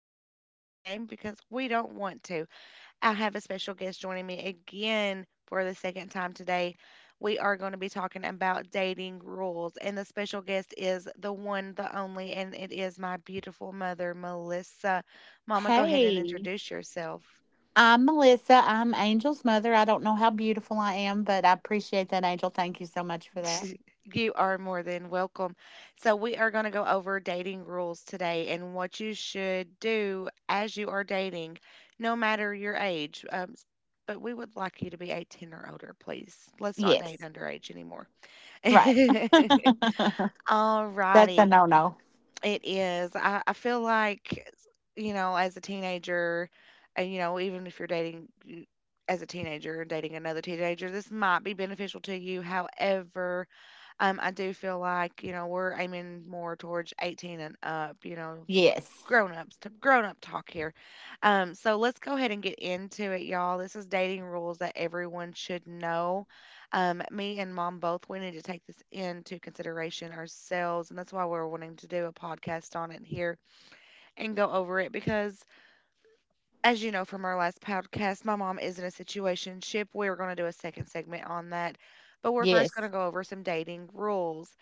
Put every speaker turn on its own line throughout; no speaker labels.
give this podcast a name because we don't want to. I have a special guest joining me again for the second time today. We are going to be talking about dating rules, and the special guest is the one, the only, and it is my beautiful mother, Melissa. Mama, go ahead and
Hey,
introduce yourself.
I'm Melissa. I'm Angel's mother. I don't know how beautiful I am, but I appreciate that, Angel. Thank you so much for that.
You are more than welcome. So, we are going to go over dating rules today and what you should do as you are dating, no matter your age. But we would like you to be 18 or older, please. Let's not date
Yes,
underage anymore.
right.
All
That's a
righty.
no no.
It is. I feel like, you know, as a teenager, and, you know, even if you're dating you- as a teenager and dating another teenager, this might be beneficial to you. However, I do feel like, you know, we're aiming more towards 18 and up, you know,
Yes,
grown-ups to grown-up talk here. So let's go ahead and get into it, y'all. This is dating rules that everyone should know. Me and mom both, we need to take this into consideration ourselves, and that's why we're wanting to do a podcast on it here and go over it because as you know from our last podcast, my mom is in a situationship. We're going to do a second segment on that, but we're first going
yes,
to go over some dating rules.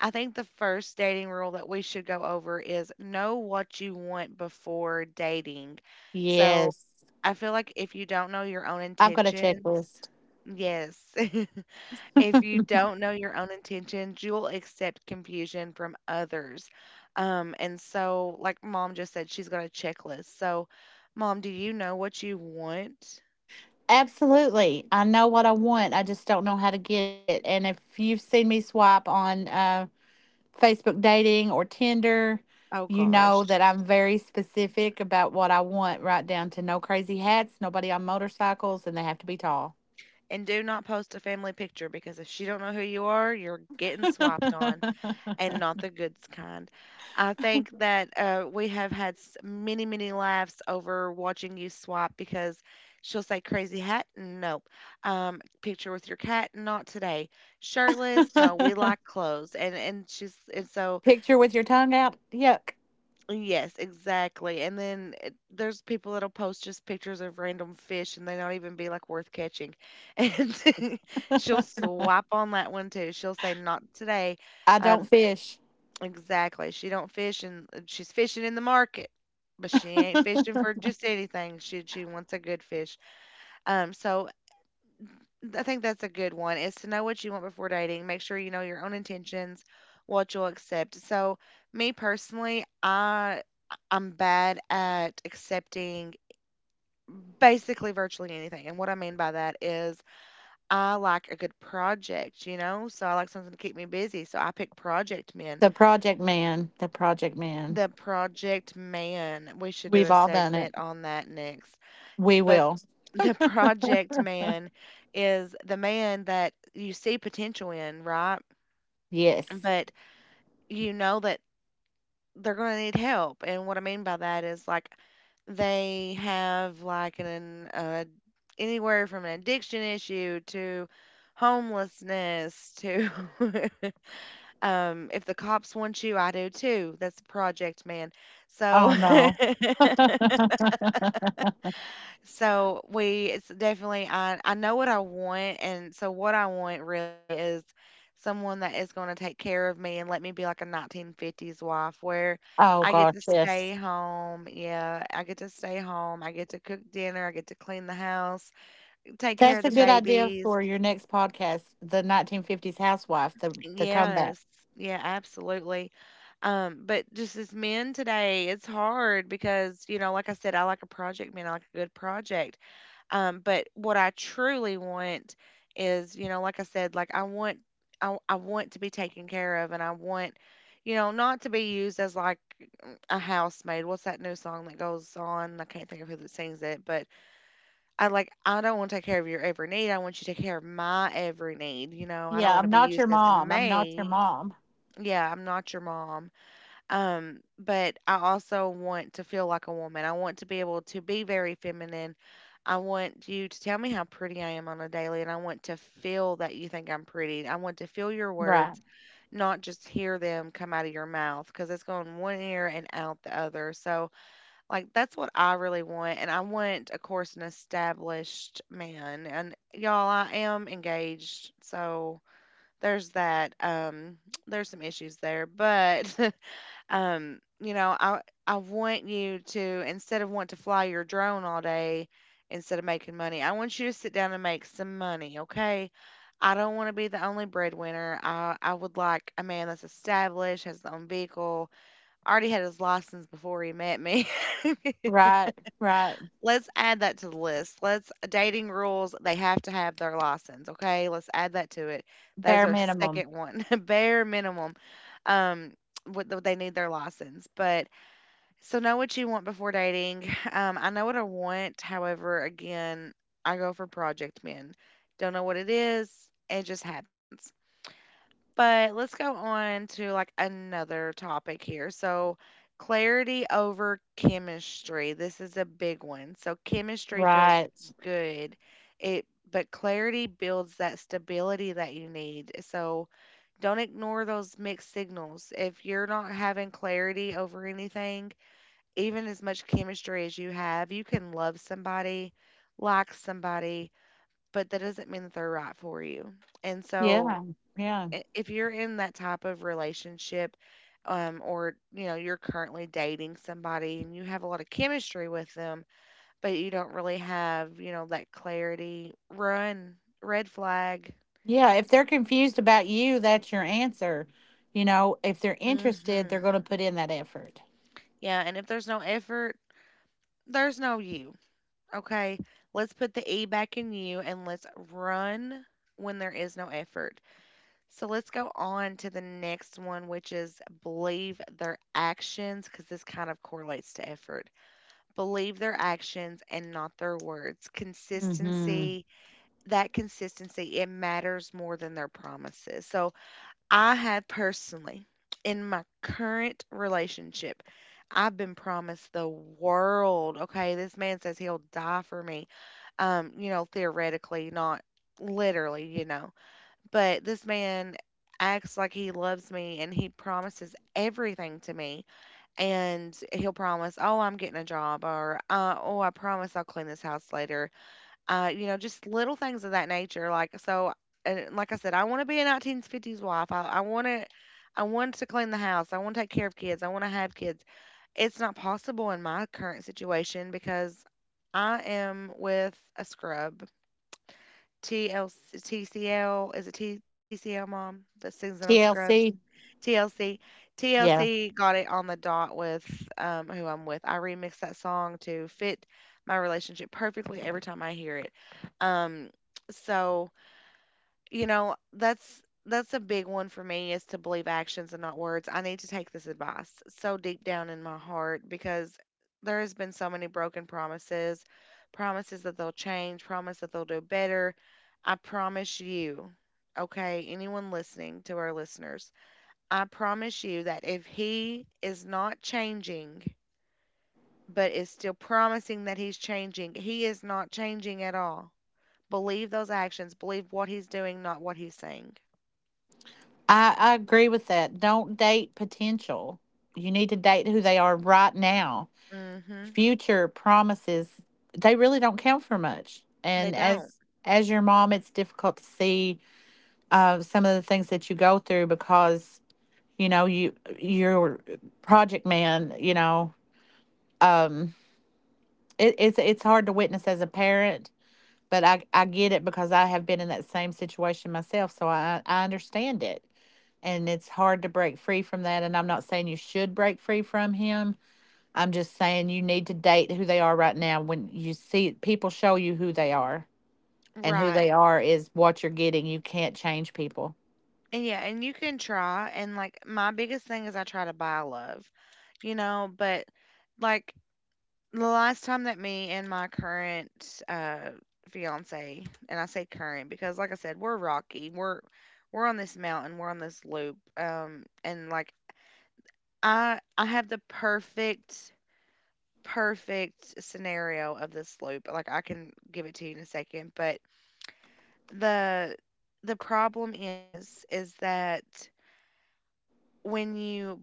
I think the first dating rule that we should go over is know what you want before dating. So
yes.
I feel like if you don't know your own
I've got a
intentions,
checklist.
yes, if you don't know your own intentions, you will accept confusion from others. Like mom just said, she's got a checklist. So, mom, do you know what you want?
Absolutely. I know what I want. I just don't know how to get it. And if you've seen me swipe on Facebook dating or Tinder,
Oh
you
gosh.
know that I'm very specific about what I want, right down to no crazy hats, nobody on motorcycles, and they have to be tall.
And do not post a family picture because if she don't know who you are, you're getting swiped on, and not the goods kind. I think that we have many, many laughs over watching you swap because she'll say crazy hat, nope. Picture with your cat, not today. Shirtless, no. We like clothes, and she's and so
Picture with your tongue out. Yuck.
yes, exactly. And then there's people that'll post just pictures of random fish, and they don't even be like worth catching. And she'll swap on that one too. She'll say not today.
I don't
Um,
fish.
Exactly. She don't fish and she's fishing in the market, but she ain't fishing for just anything. She wants a good fish. So I think that's a good one is to know what you want before dating. Make sure you know your own intentions, what you'll accept. So me personally, I'm bad at accepting basically virtually anything. And what I mean by that is I like a good project, you know? So I like something to keep me busy. So I pick project men.
The project man. The project man.
The Project Man. We should do
We've
a
all done it.
segment on that next. S
We
but
will.
the Project Man is the man that you see potential in, right?
Yes.
But you know that they're going to need help. And what I mean by that is like they have like an anywhere from an addiction issue to homelessness to if the cops want you, I do too. That's the Project Man. So
Oh no.
So we it's definitely I know what I want, and so what I want really is someone that is going to take care of me and let me be like a 1950s wife where
Oh
I get
gosh,
to
yes.
stay home. Yeah, I get to stay home. I get to cook dinner, I get to clean the house, take care
That's
of
a
the
good idea
babies.
for your next podcast, the 1950s housewife, the comeback.
Yes. Yeah, absolutely. But just as men today, it's hard because, you know, like I said, I like a project man, I like a good project. But what I truly want is, you know, like I said, I want to be taken care of and I want, you know, not to be used as like a housemaid. What's that new song that goes on? I can't think of who that sings it, but I like I don't want to take care of your every need. I want you to take care of my every need. You know, I don't
Yeah,
want
I'm
to be
not your
used as a
mom. I'm not your
maid.
mom.
Yeah, I'm not your mom. But I also want to feel like a woman. I want to be able to be very feminine. I want you to tell me how pretty I am on a daily, and I want to feel that you think I'm pretty. I want to feel your
Right.
words, not just hear them come out of your mouth, because it's going one ear and out the other. So, like, that's what I really want. And I want, of course, an established man. And y'all, I am engaged. So, there's that. There's some issues there, but Um, you know, I I want you to instead of want to fly your drone all day instead of making money, I want you to sit down and make some money, okay? I don't want to be the only breadwinner. I would like a man that's established, has his own vehicle, already had his license before he met me.
Right. Right.
Let's add that to the list. Let's Dating rules, they have to have their license, okay? Let's add that to it. That is
Bare
our
minimum.
second one, bare minimum. Um, what they need their license, but so know what you want before dating. I know what I want. However, again, I go for project men. Don't know what it is. It just happens. But let's go on to like another topic here. So clarity over chemistry. This is a big one. So chemistry feels
Right.
good. It but clarity builds that stability that you need. So don't ignore those mixed signals. If you're not having clarity over anything, even as much chemistry as you have, you can love somebody, like somebody, but that doesn't mean that they're right for you. And so,
Yeah, yeah,
if you're in that type of relationship, or you know you're currently dating somebody and you have a lot of chemistry with them, but you don't really have you know that clarity, run, red flag.
yeah. If they're confused about you, that's your answer. You know, if they're interested, they're
hmm
going to put in that effort.
Yeah, and if there's no effort, there's no you. Okay, let's put the E back in you and let's run when there is no effort. So let's go on to the next one, which is believe their actions, because this kind of correlates to effort. Believe their actions and not their words.
Hmm.
Consistency, that consistency, it matters more than their promises. So I had personally, in my current relationship, I've been promised the world. Okay, this man says he'll die for me you know, theoretically, not literally, you know. But this man acts like he loves me and he promises everything to me. And he'll promise, oh, I'm getting a job, or oh, I promise I'll clean this house later. You know, just little things of that nature. Like, so, and like I said, I want to be a 1950s wife. I want to. I want to clean the house. I want to take care of kids. I want to have kids. It's not possible in my current situation because I am with a scrub. TLC, TCL, is it TCL mom that sings it on Scrubs?
TLC.
TLC.
Yeah.
TLC got it on the dot with who I'm with. I remix that song to fit my relationship perfectly every time I hear it. Um, so you know, that's a big one for me is to believe actions and not words. I need to take this advice so deep down in my heart because there has been so many broken promises, promises that they'll change, promise that they'll do better. I promise you, okay, anyone listening to our listeners, I promise you that if he is not changing but is still promising that he's changing, he is not changing at all. Believe those actions, believe what he's doing, not what he's saying.
I agree with that. Don't date potential. You need to date who they are right now.
Mhm.
Future promises, they really don't count for much,
They
and
don't.
as your mom it's difficult to see some of the things that you go through because you know you your project man you know um it's it's hard to witness as a parent but I get it because I have been in that same situation myself, so I understand it, and it's hard to break free from that, and I'm not saying you should break free from him. I'm just saying you need to date who they are right now. When you see people show you who they are, and who
Right.
they are is what you're getting. You can't change people.
And yeah, and you can try and like my biggest thing is I try to buy love, you know, but like the last time that me and my current fiance, and I say current because like I said, we're rocky. We're on this mountain, we're on this loop. And I have the perfect scenario of this loop. Like I can give it to you in a second, but The the problem is that when you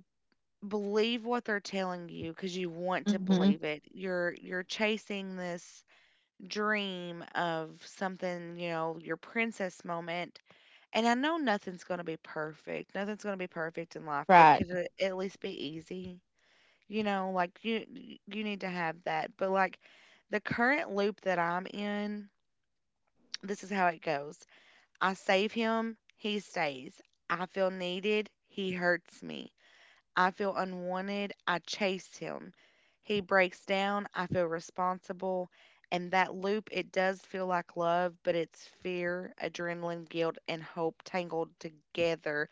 believe what they're telling you because you want to
Hmm.
believe it, you're chasing this dream of something, you know, your princess moment. And I know nothing's going to be perfect. Nothing's going to be perfect in life, but
Right,
could it at least be easy? You know, like you need to have that. But like the current loop that I'm in, this is how it goes. I save him, he stays. I feel needed, he hurts me. I feel unwanted, I chase him. He breaks down, I feel responsible. And that loop, it does feel like love, but it's fear, adrenaline, guilt, and hope tangled together.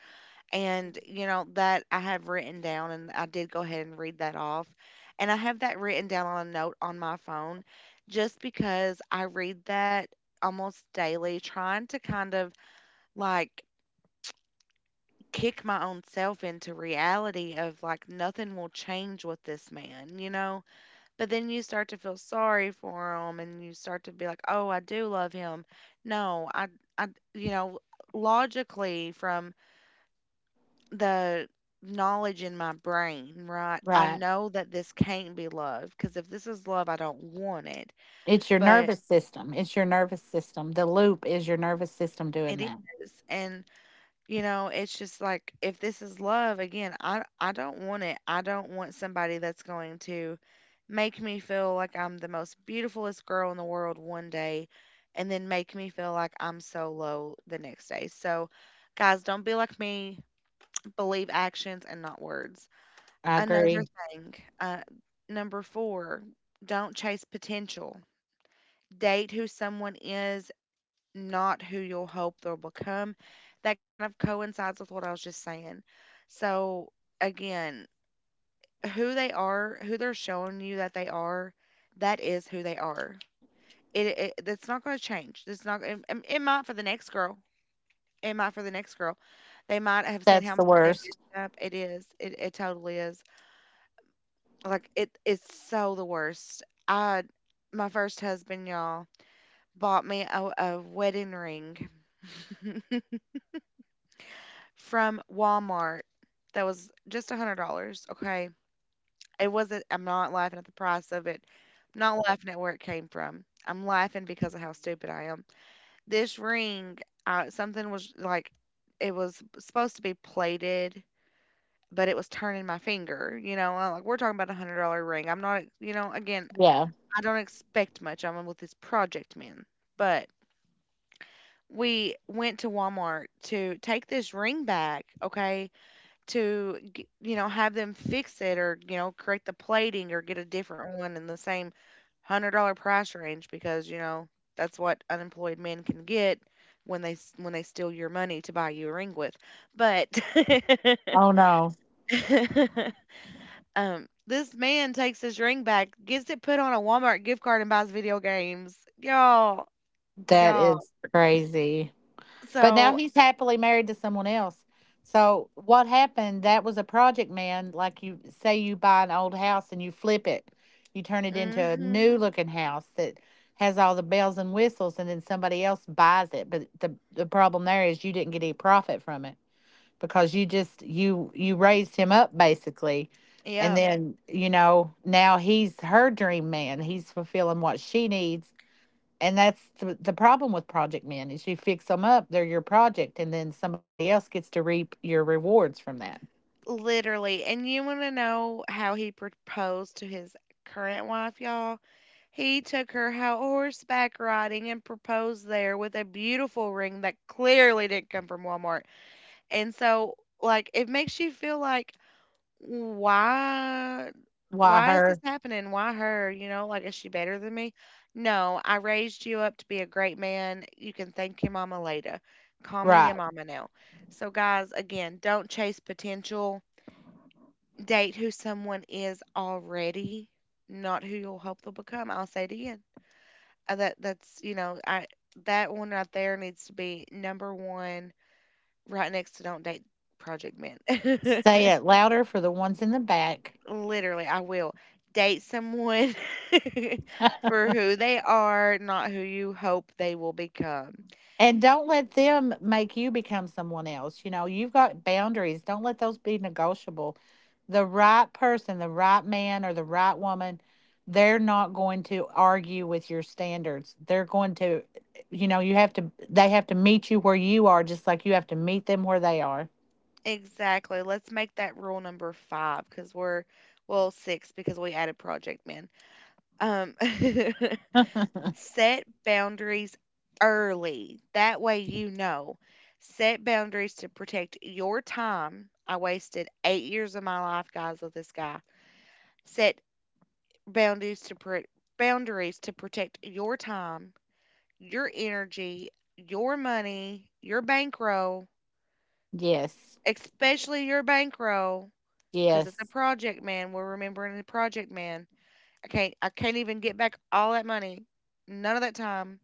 And, you know, that I have written down, and I did go ahead and read that off. And I have that written down on a note on my phone just because I read that almost daily, trying to kind of like kick my own self into reality of like nothing will change with this man, you know? But then you start to feel sorry for him and you start to be like, "Oh, I do love him." No, I you know, logically from the knowledge in my brain, right? I
right.
know that this can't be love because if this is love, I don't want it.
It's your
But
nervous system. It's your nervous system. The loop is your nervous system doing
it
that.
is. And you know, it's just like if this is love, again, I don't want it. I don't want somebody that's going to make me feel like I'm the most beautifulest girl in the world one day and then make me feel like I'm so low the next day. So, guys, don't be like me. Believe actions and not words.
I
Another
agree.
thing, uh, number four, don't chase potential. Date who someone is, not who you'll hope they'll become. That kind of coincides with what I was just saying. So, again, who they are, who they're showing you that they are, that is who they are. It that's not going to change. It's not. It might for the next girl. It might for the next girl. They might have seen
That's
how
the
much they messed
worst.
up. It is. It totally is. Like it. It's so the worst. I, my first husband, y'all, bought me a wedding ring. From Walmart that was just $100, okay? It wasn't I'm not laughing at the price of it. I'm not laughing at where it came from. I'm laughing because of how stupid I am. This ring, something was like it was supposed to be plated, but it was turning my finger. You know, I'm like we're talking about $100 ring. I'm not, you know, again,
Yeah.
I don't expect much. I'm with this project man, but we went to Walmart to take this ring back. Okay, to you know, have them fix it or you know correct the plating or get a different one in the same $100 price range because you know that's what unemployed men can get when they when they steal your money to buy you a ring with, but
Oh no,
um, this man takes his ring back, gets it put on a Walmart gift card and buys video games, y'all.
that
Y'all,
is crazy. But now
so,
he's happily married to someone else. So what happened? That was a project man. Like you say, you buy an old house and you flip it, you turn it into a
mm-hmm,
new looking house that has all the bells and whistles, and then somebody else buys it. But the problem there is you didn't get any profit from it because you just you raised him up basically, and
yeah.
then you know now he's her dream man. He's fulfilling what she needs, and that's the problem with project men is you fix them up, they're your project, and then somebody else gets to reap your rewards from that.
Literally, and you want to know how he proposed to his current wife, y'all? He took her out horseback riding and proposed there with a beautiful ring that clearly didn't come from Walmart. And so, like, it makes you feel like, why,
Why
why is this
her?
happening? Why her? You know, like, is she better than me? No, I raised you up to be a great man. You can thank your mama later. Call me your
Right.
mama now. So, guys, again, don't chase potential. Date who someone is already, not who you'll hope they'll become. I'll say it again. That that's you know I that one right there needs to be number one, right next to don't date Project Men.
Say it louder for the ones in the back.
Literally, I will date someone for who they are, not who you hope they will become.
And don't let them make you become someone else. You know, you've got boundaries. Don't let those be negotiable. The right person, the right man or the right woman, they're not going to argue with your standards. They're going to, you know, you have to, they have to meet you where you are, just like you have to meet them where they are.
Exactly. Let's make that rule number five because we're, well, six because we added Project Men. Um, Set boundaries early. That way you know. Set boundaries to protect your time. I wasted 8 years of my life, guys, with this guy. Set boundaries to pro- boundaries to protect your time, your energy, your money, your bankroll,
Yes,
especially your bankroll cuz it's a
yes.
project man. We're remembering the project man. I can't even get back all that money. None of that time.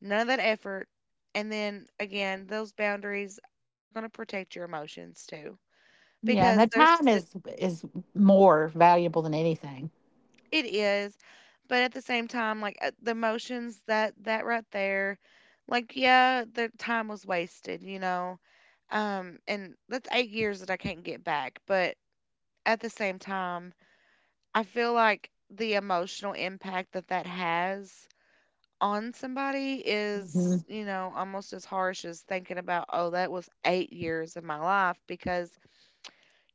None of that effort. And then again, those boundaries, they're going to protect your emotions too.
Yeah, and the
Because there's
time
st-
is more valuable than anything.
it is, but at the same time like the emotions that that right there, like yeah, the time was wasted, you know. Um, and that's 8 years that I can't get back, but at the same time, I feel like the emotional impact that that has on somebody is,
Mhm.
you know, almost as harsh as thinking about, oh, that was 8 years of my life because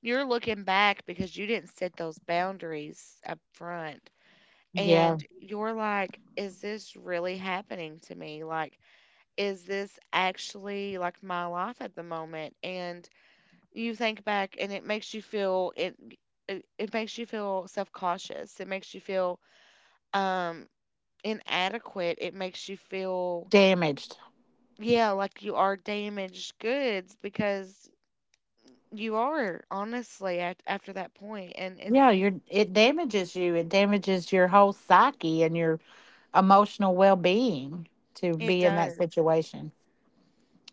you're looking back because you didn't set those boundaries up front.
Yeah,
And you're like, is this really happening to me? Like, is this actually like my life at the moment? And you think back and it makes you feel it makes you feel self-cautious. It makes you feel um inadequate. It makes you feel,
damaged.
yeah, like you are damaged goods because you are honestly at, after that point, and it's
Yeah, you're it damages you. It damages your whole psyche and your emotional well-being to
it
be in that
does,
situation.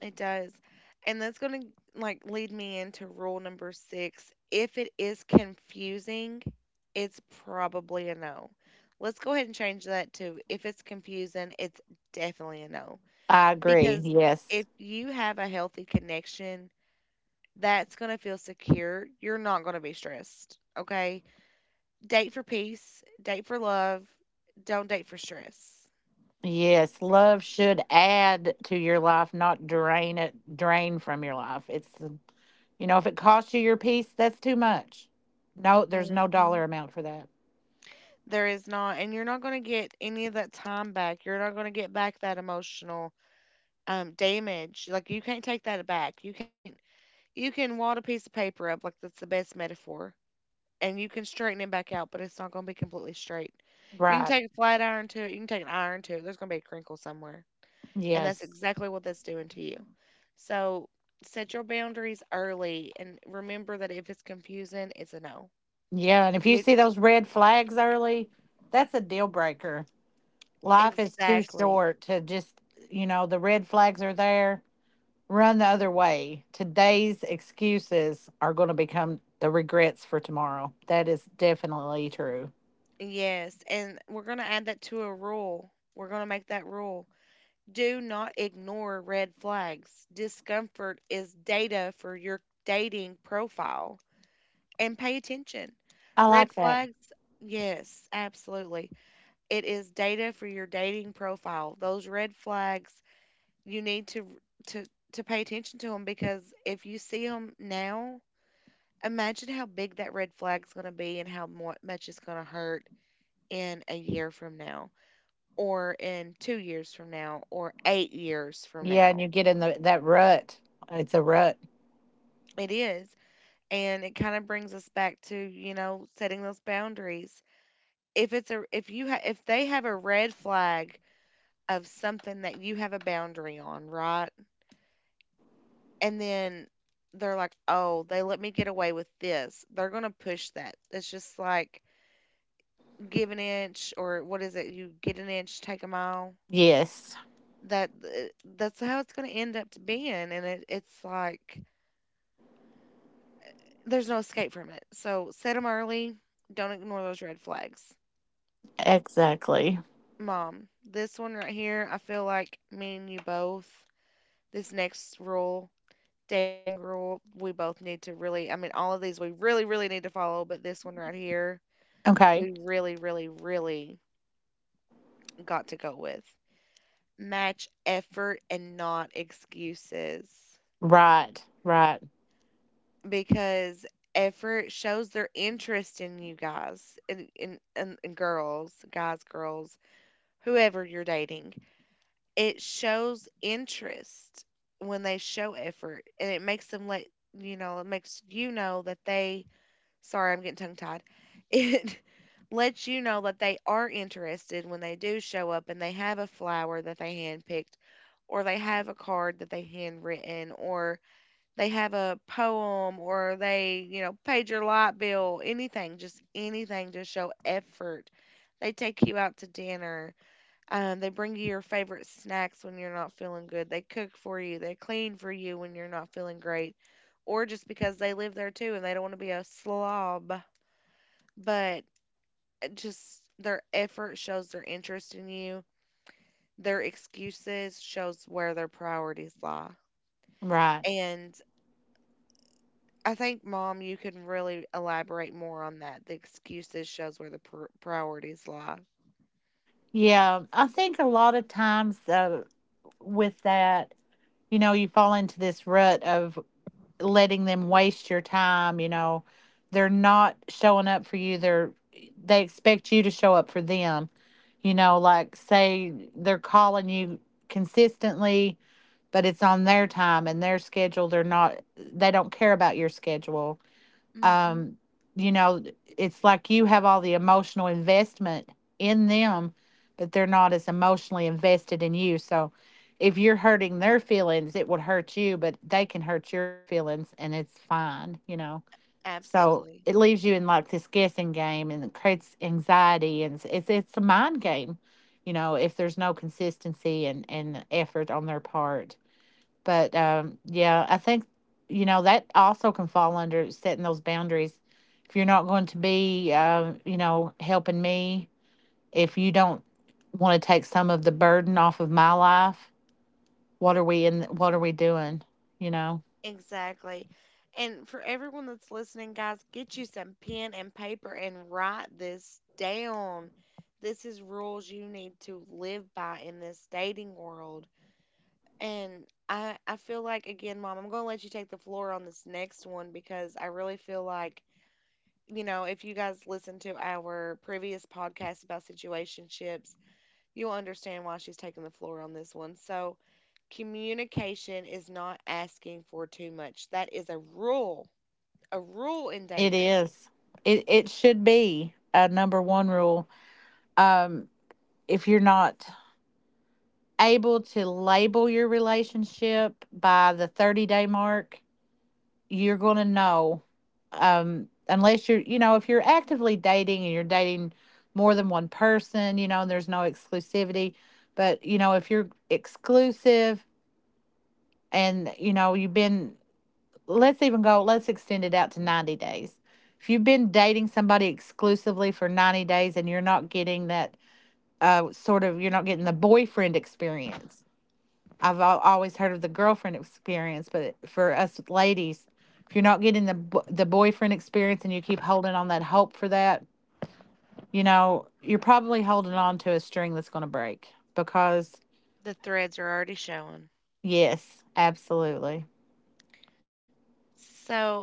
it does, and that's gonna like lead me into rule number six. If it is confusing, it's probably a no. Let's go ahead and change that to if it's confusing, it's definitely a no
I agree.
because
Yes.
if you have a healthy connection, that's gonna feel secure. You're not gonna be stressed. Okay, date for peace, date for love, don't date for stress.
Yes, love should add to your life, not drain it, drain from your life. It's, you know, if it costs you your peace, that's too much. No, there's no dollar
Hmm.
amount for that.
There is not, and you're not going to get any of that time back. You're not going to get back that emotional damage. Like you can't take that back. You can't. You can wad a piece of paper up, like that's the best metaphor, and you can straighten it back out, but it's not going to be completely straight. You can
Right.
take a flat iron to it. You can take an iron to it. There's going to be a crinkle somewhere, and that's
Yes.
exactly what that's doing to you. So set your boundaries early and remember that if it's confusing, it's a no.
Yeah, and if you
With
see those red flags early, that's a deal breaker. Life is too
exactly.
short to just, you know, the red flags are there. Run the other way. Today's excuses are going to become the regrets for tomorrow. That is definitely true.
Yes, and we're going to add that to a rule. We're going to make that rule. Do not ignore red flags. Discomfort is data for your dating profile, and pay attention.
I
Red
like that.
flags, yes, absolutely. It is data for your dating profile. Those red flags you need to to pay attention to them because if you see them now, imagine how big that red flag's going to be and how much it's going to hurt in a year from now or in 2 years from now or 8 years from
Yeah, and
now.
you get in the that rut. It's a rut.
It is, and it kind of brings us back to, you know, setting those boundaries. If it's a if you ha- if they have a red flag of something that you have a boundary on, right? And then they're like, "Oh, they let me get away with this." They're gonna push that. It's just like give an inch, or what is it? You get an inch, take a mile.
Yes.
That's how it's gonna end up to being, and it's like there's no escape from it. So set them early. Don't ignore those red flags,
Exactly.
Mom. This one right here, I feel like me and you both. This next rule. Dating rule, we both need to really, I mean, all of these we really, really need to follow, but this one right here
Okay.
we really, really, really got to go with. Match effort and not excuses
Right. Right.
because effort shows their interest in you guys and girls, guys, girls, whoever you're dating. It shows interest when they show effort and it makes them let you know, it makes you know that they, sorry, I'm getting tongue tied. It lets you know that they are interested when they do show up and they have a flower that they handpicked, or they have a card that they handwritten, or they have a poem, or they, you know, paid your light bill, anything, just anything to show effort. They take you out to dinner. They bring you your favorite snacks when you're not feeling good. They cook for you. They clean for you when you're not feeling great. Or just because they live there too and they don't want to be a slob, but just their effort shows their interest in you. Their excuses shows where their priorities lie.
Right.
And I think, Mom, you can really elaborate more on that. The excuses shows where the priorities lie.
Yeah, I think a lot of times with that, you know, you fall into this rut of letting them waste your time, you know. They're not showing up for you. They're they expect you to show up for them. You know, like say they're calling you consistently, but it's on their time and their schedule. They're not they don't care about your schedule,
Hmm.
um, you know, it's like you have all the emotional investment in them, but they're not as emotionally invested in you. So if you're hurting their feelings, it would hurt you, but they can hurt your feelings and it's fine, you know. So
Absolutely.
it leaves you in like this guessing game and it creates anxiety and it's it's a mind game, you know, if there's no consistency and effort on their part. But yeah, I think you know that also can fall under setting those boundaries. If you're not going to be, you know, helping me, if you don't want to take some of the burden off of my life, what are we in? What are we doing? You know,
Exactly. And for everyone that's listening, guys, get you some pen and paper and write this down. This is rules you need to live by in this dating world. And I feel like, again, Mom, I'm going to let you take the floor on this next one because I really feel like, you know, if you guys listen to our previous podcast about situationships, you'll understand why she's taking the floor on this one. So, communication is not asking for too much. That is a rule in
it
dating.
is. It should be a number one rule. If you're not able to label your relationship by the 30-day mark, you're going to know unless you're you know if you're actively dating and you're dating more than one person you know and there's no exclusivity, but you know if you're exclusive and you know you've been let's even go let's extend it out to 90 days. If you've been dating somebody exclusively for 90 days and you're not getting that sort of you're not getting the boyfriend experience. Always heard of the girlfriend experience, but for us ladies, if you're not getting the the boyfriend experience and you keep holding on that hope for that, you know, you're probably holding on to a string that's going to break because
The threads are already showing.
yes, absolutely.
So,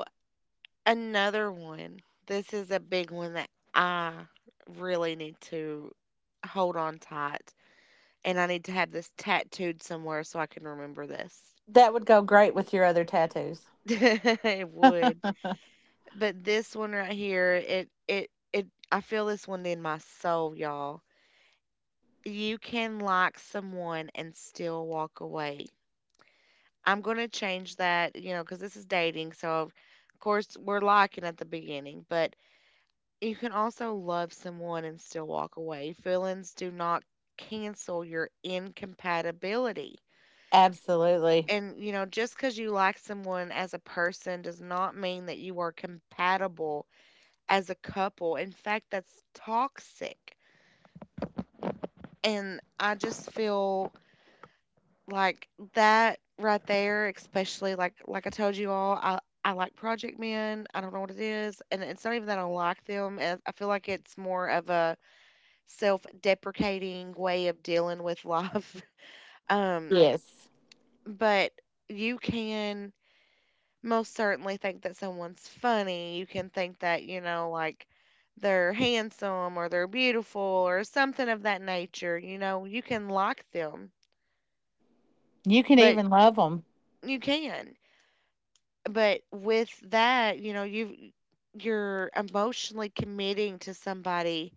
another one. This is a big one that I really need to hold on tight. And I need to have this tattooed somewhere so I can remember this.
That would go great with your other tattoos.
It would. But this one right here, it I feel this one in my soul, y'all. You can like someone and still walk away. I'm gonna change that, you know, because this is dating, so of course we're liking at the beginning, but you can also love someone and still walk away. Feelings do not cancel your incompatibility.
Absolutely.
And you know, just because you like someone as a person does not mean that you are compatible as a couple. In fact, that's toxic. And I just feel like that right there, especially, like I told you all, I like Project Men. I don't know what it is. And it's not even that I don't like them. I feel like it's more of a self deprecating way of dealing with life. Um,
Yes.
but you can most certainly think that someone's funny. You can think that, you know, like they're handsome or they're beautiful or something of that nature. You know, you can like them,
You can
but
even love them.
you can. But with that, you know, you're emotionally committing to somebody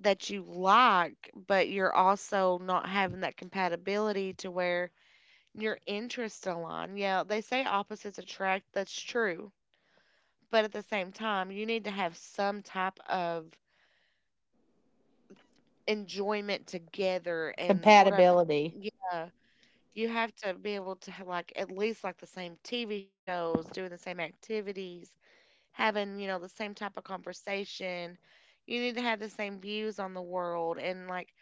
that you like, but you're also not having that compatibility to where your interests align. Yeah, they say opposites attract. That's true. But at the same time, you need to have some type of enjoyment together. And
Compatibility.
yeah, you have to be able to have, like, at least like the same TV shows, doing the same activities, having, you know, the same type of conversation. You need to have the same views on the world and like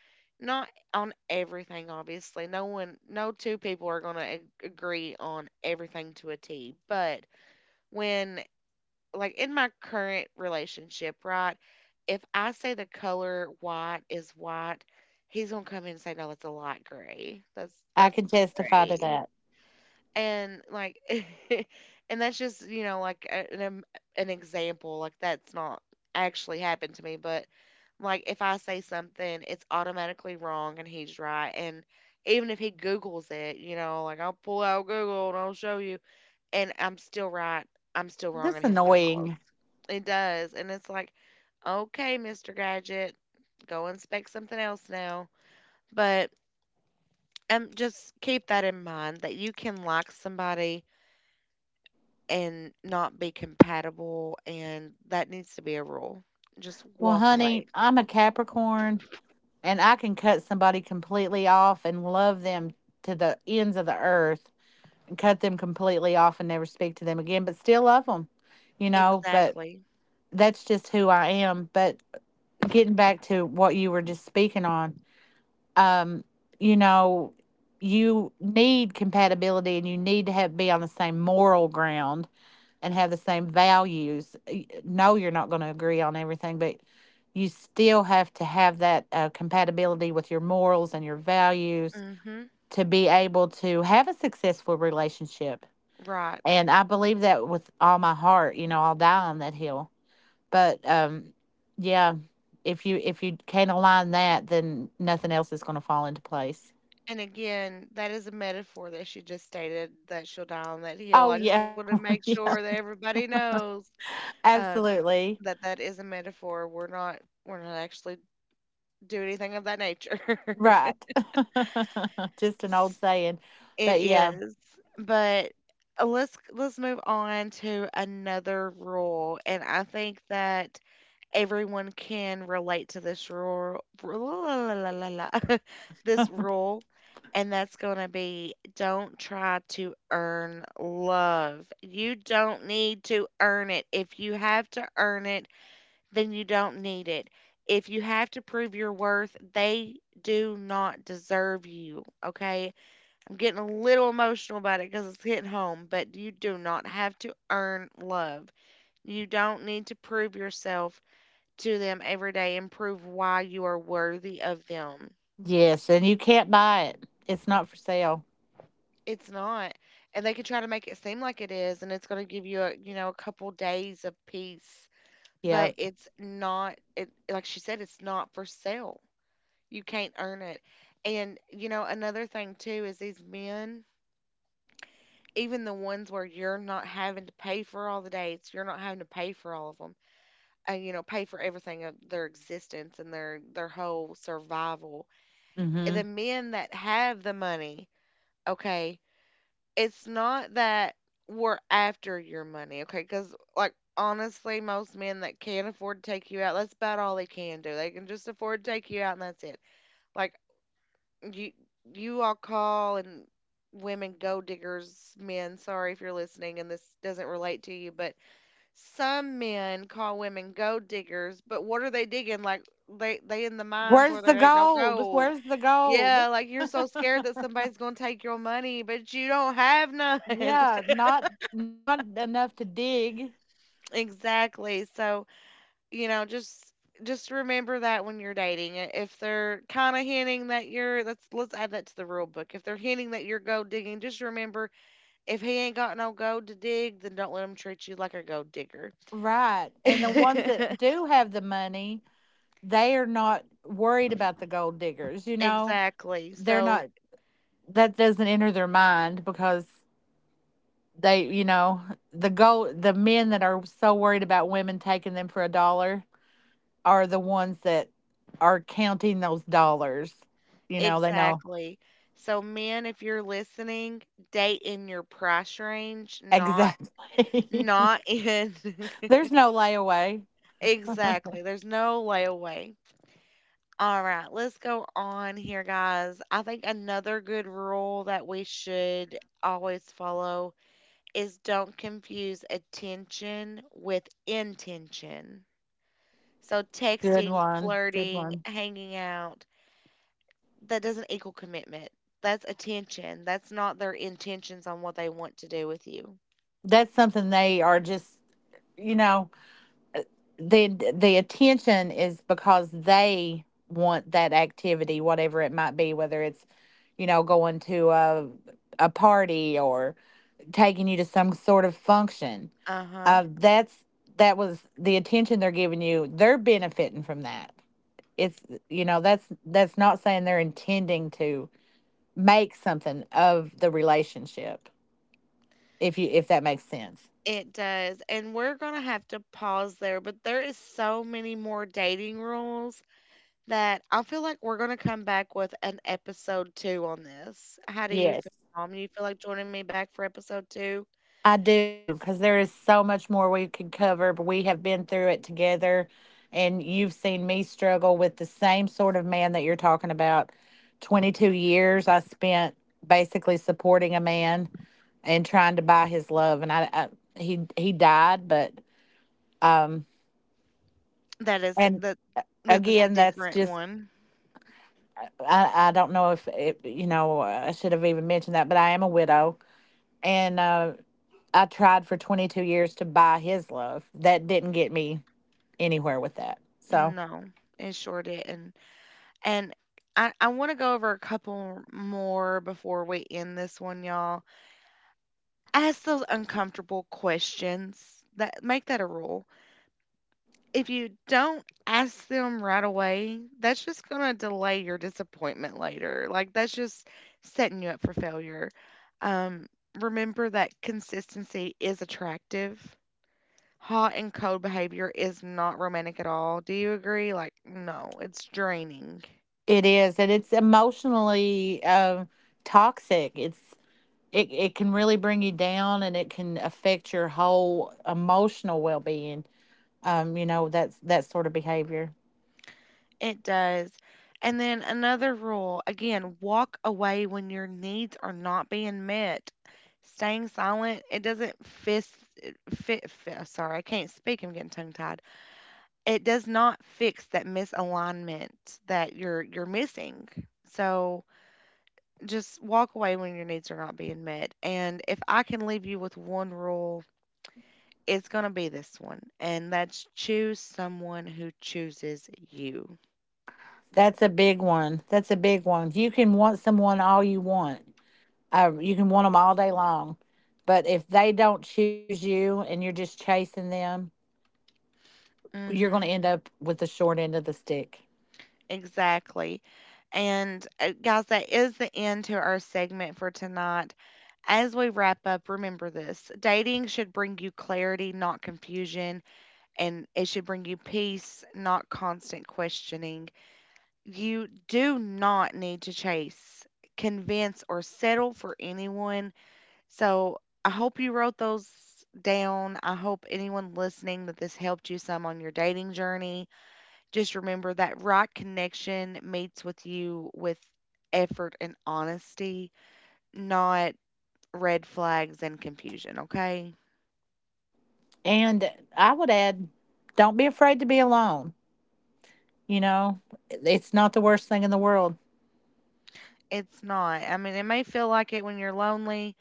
not on everything, obviously. No one, no two people are going to agree on everything to a T. But when, like, in my current relationship, right? If I say the color white is white, he's gonna come in and say, "No, it's a light gray." That's
I
that's
can testify to
gray.
that.
And like and that's just, you know, like an example. Like that's not actually happened to me, but like if I say something, it's automatically wrong and he's right. And even if he Googles it, you know, like I'll pull out Google and I'll show you and I'm still right. I'm still wrong in
That's
his eyeballs.
annoying.
It does. And it's like, okay, Mr. Gadget, go inspect something else now. But just keep that in mind that you can like somebody and not be compatible, and that needs to be a rule. Just
Well,
walk
honey,
away.
I'm a Capricorn. And I can cut somebody completely off and love them to the ends of the earth and cut them completely off and never speak to them again, but still love them, you know. But
Exactly.
that's just who I am. But getting back to what you were just speaking on, um, you know, you need compatibility and you need to have be on the same moral ground and have the same values. No, you're not going to agree on everything, but you still have to have that compatibility with your morals and your values
Mm-hmm.
to be able to have a successful relationship.
Right.
And I believe that with all my heart, you know, I'll die on that hill. But yeah, if you can't align that, then nothing else is going to fall into place.
And again, that is a metaphor that she just stated, that she'll die on that hill.
Oh
I just
yeah,
want to make
yeah,
sure that everybody knows, um,
absolutely
that that is a metaphor. We're not actually doing anything of that nature.
right. Just an old
S-
saying,
It
but yeah.
is, but let's move on to another rule, and I think that everyone can relate to this rule, this rule, and that's going to be, don't try to earn love. You don't need to earn it. If you have to earn it, then you don't need it. If you have to prove your worth, they do not deserve you. Okay. I'm getting a little emotional about it because it's hitting home, but you do not have to earn love. You don't need to prove yourself to them every day and prove why you are worthy of them.
Yes, and you can't buy it. It's not for sale.
It's not. And they can try to make it seem like it is, and it's going to give you a, a couple days of peace, but
Yep.
it's not. It, like she said, it's not for sale. You can't earn it. And, you know, another thing too is these men, even the ones where you're not having to pay for all the dates, you're not having to pay for all of them, and, you know, pay for everything of their existence and their whole survival. The
Hmm.
men that have the money, okay, it's not that we're after your money, okay? Because, like, honestly, most men that can't afford to take you out, that's about all they can do. They can just afford to take you out and that's it. Like, you you all call and women go diggers, men, sorry if you're listening and this doesn't relate to you, but some men call women go diggers. But what are they digging? Like, they in the mines where
Where's the
there ain't no
gold?
gold.
Where's the gold?
Yeah, like you're so scared that somebody's gonna take your money, but you don't have none.
Yeah, not not enough to dig.
Exactly. So, you know just just remember that when you're dating. If they're kind of hinting that you're, let's add that to the rule book, if they're hinting that you're gold digging, just remember, if he ain't got no gold to dig, then don't let him treat you like a gold digger.
Right. And the ones that do have the money, they are not worried about the gold diggers, you know?
Exactly.
They're
So,
not that doesn't enter their mind because they, you know, the gold the men that are so worried about women taking them for a dollar are the ones that are counting those dollars. You know, they know
exactly. So, men, if you're listening, date in your price range, not
exactly.
not in
There's no layaway.
exactly. There's no layaway. All right, let's go on here, guys. I think another good rule that we should always follow is don't confuse attention with intention. So
Good
texting,
one. Good
flirting,
one.
hanging out, that doesn't equal commitment. That's attention. That's not their intentions on what they want to do with you.
That's something they are just, you know, the the attention is because they want that activity, whatever it might be, whether it's, you know, going to a party or taking you to some sort of function.
Uh-huh.
That's that was the attention they're giving you. They're benefiting from that. It's you know that's not saying they're intending to make something of the relationship if you if that makes sense.
It does. And we're going to have to pause there, but there is so many more dating rules that I feel like we're going to come back with an episode 2 on this. How do you
Yes,
feel, Mom? You feel like joining me back for episode 2?
I do, because there is so much more we could cover, but we have been through it together, and you've seen me struggle with the same sort of man that you're talking about. 22 years I spent basically supporting a man and trying to buy his love, and I he died but um
That is
and
that that's a
again that's
different
just
one.
I don't know if it, you know I should have even mentioned that, but I am a widow, and I tried for 22 years to buy his love. That didn't get me anywhere with that. So
No, it sure didn't. And I want to go over a couple more before we end this one, y'all. Ask those uncomfortable questions. That, make that a rule. If you don't ask them right away, that's just gonna delay your disappointment later. Like, that's just setting you up for failure. Um, Remember that consistency is attractive. Hot and cold behavior is not romantic at all. Do you agree? Like, no, it's draining.
it is, and it's emotionally toxic. It's it it can really bring you down, and it can affect your whole emotional well being. You know that's that sort of behavior.
It does. And then another rule again, walk away when your needs are not being met. Staying silent, it doesn't fit, sorry, I can't speak. I'm getting tongue tied. It does not fix that misalignment that you're missing. So just walk away when your needs are not being met. And if I can leave you with one rule, it's gonna be this one, and that's choose someone who chooses you.
That's a big one. That's a big one. You can want someone all you want. You can want them all day long, but if they don't choose you and you're just chasing them, you're going to
Hmm.
end up with the short end of the stick.
Exactly. And guys, that is the end to our segment for tonight. As we wrap up, remember, this dating should bring you clarity, not confusion, and it should bring you peace, not constant questioning. You do not need to chase, convince, or settle for anyone. So I hope you wrote those down. I hope anyone listening that this helped you some on your dating journey. Just remember that right connection meets with you with effort and honesty, not red flags and confusion, okay?
And I would add, don't be afraid to be alone. You know, it's not the worst thing in the world.
It's not. I mean, it may feel like it when you're lonely,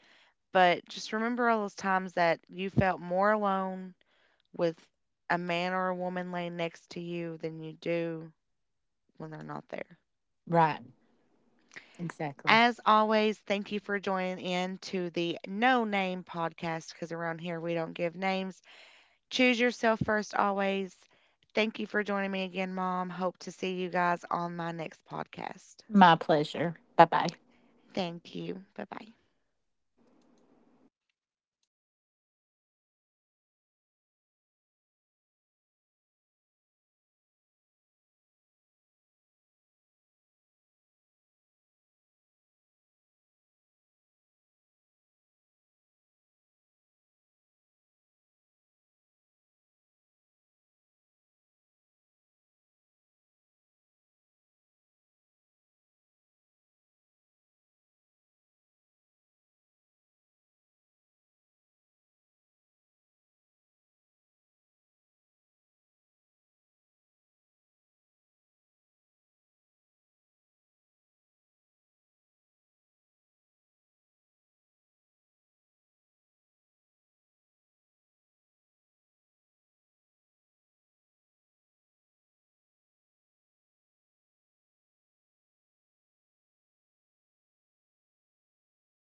but just remember all those times that you felt more alone with a man or a woman laying next to you than you do when they're not there.
Right. Exactly.
As always, thank you for joining in to the No Name podcast because around here we don't give names. Choose yourself first always. Thank you for joining me again, Mom. Hope to see you guys on my next podcast.
My pleasure. Bye bye.
Thank you. Bye bye.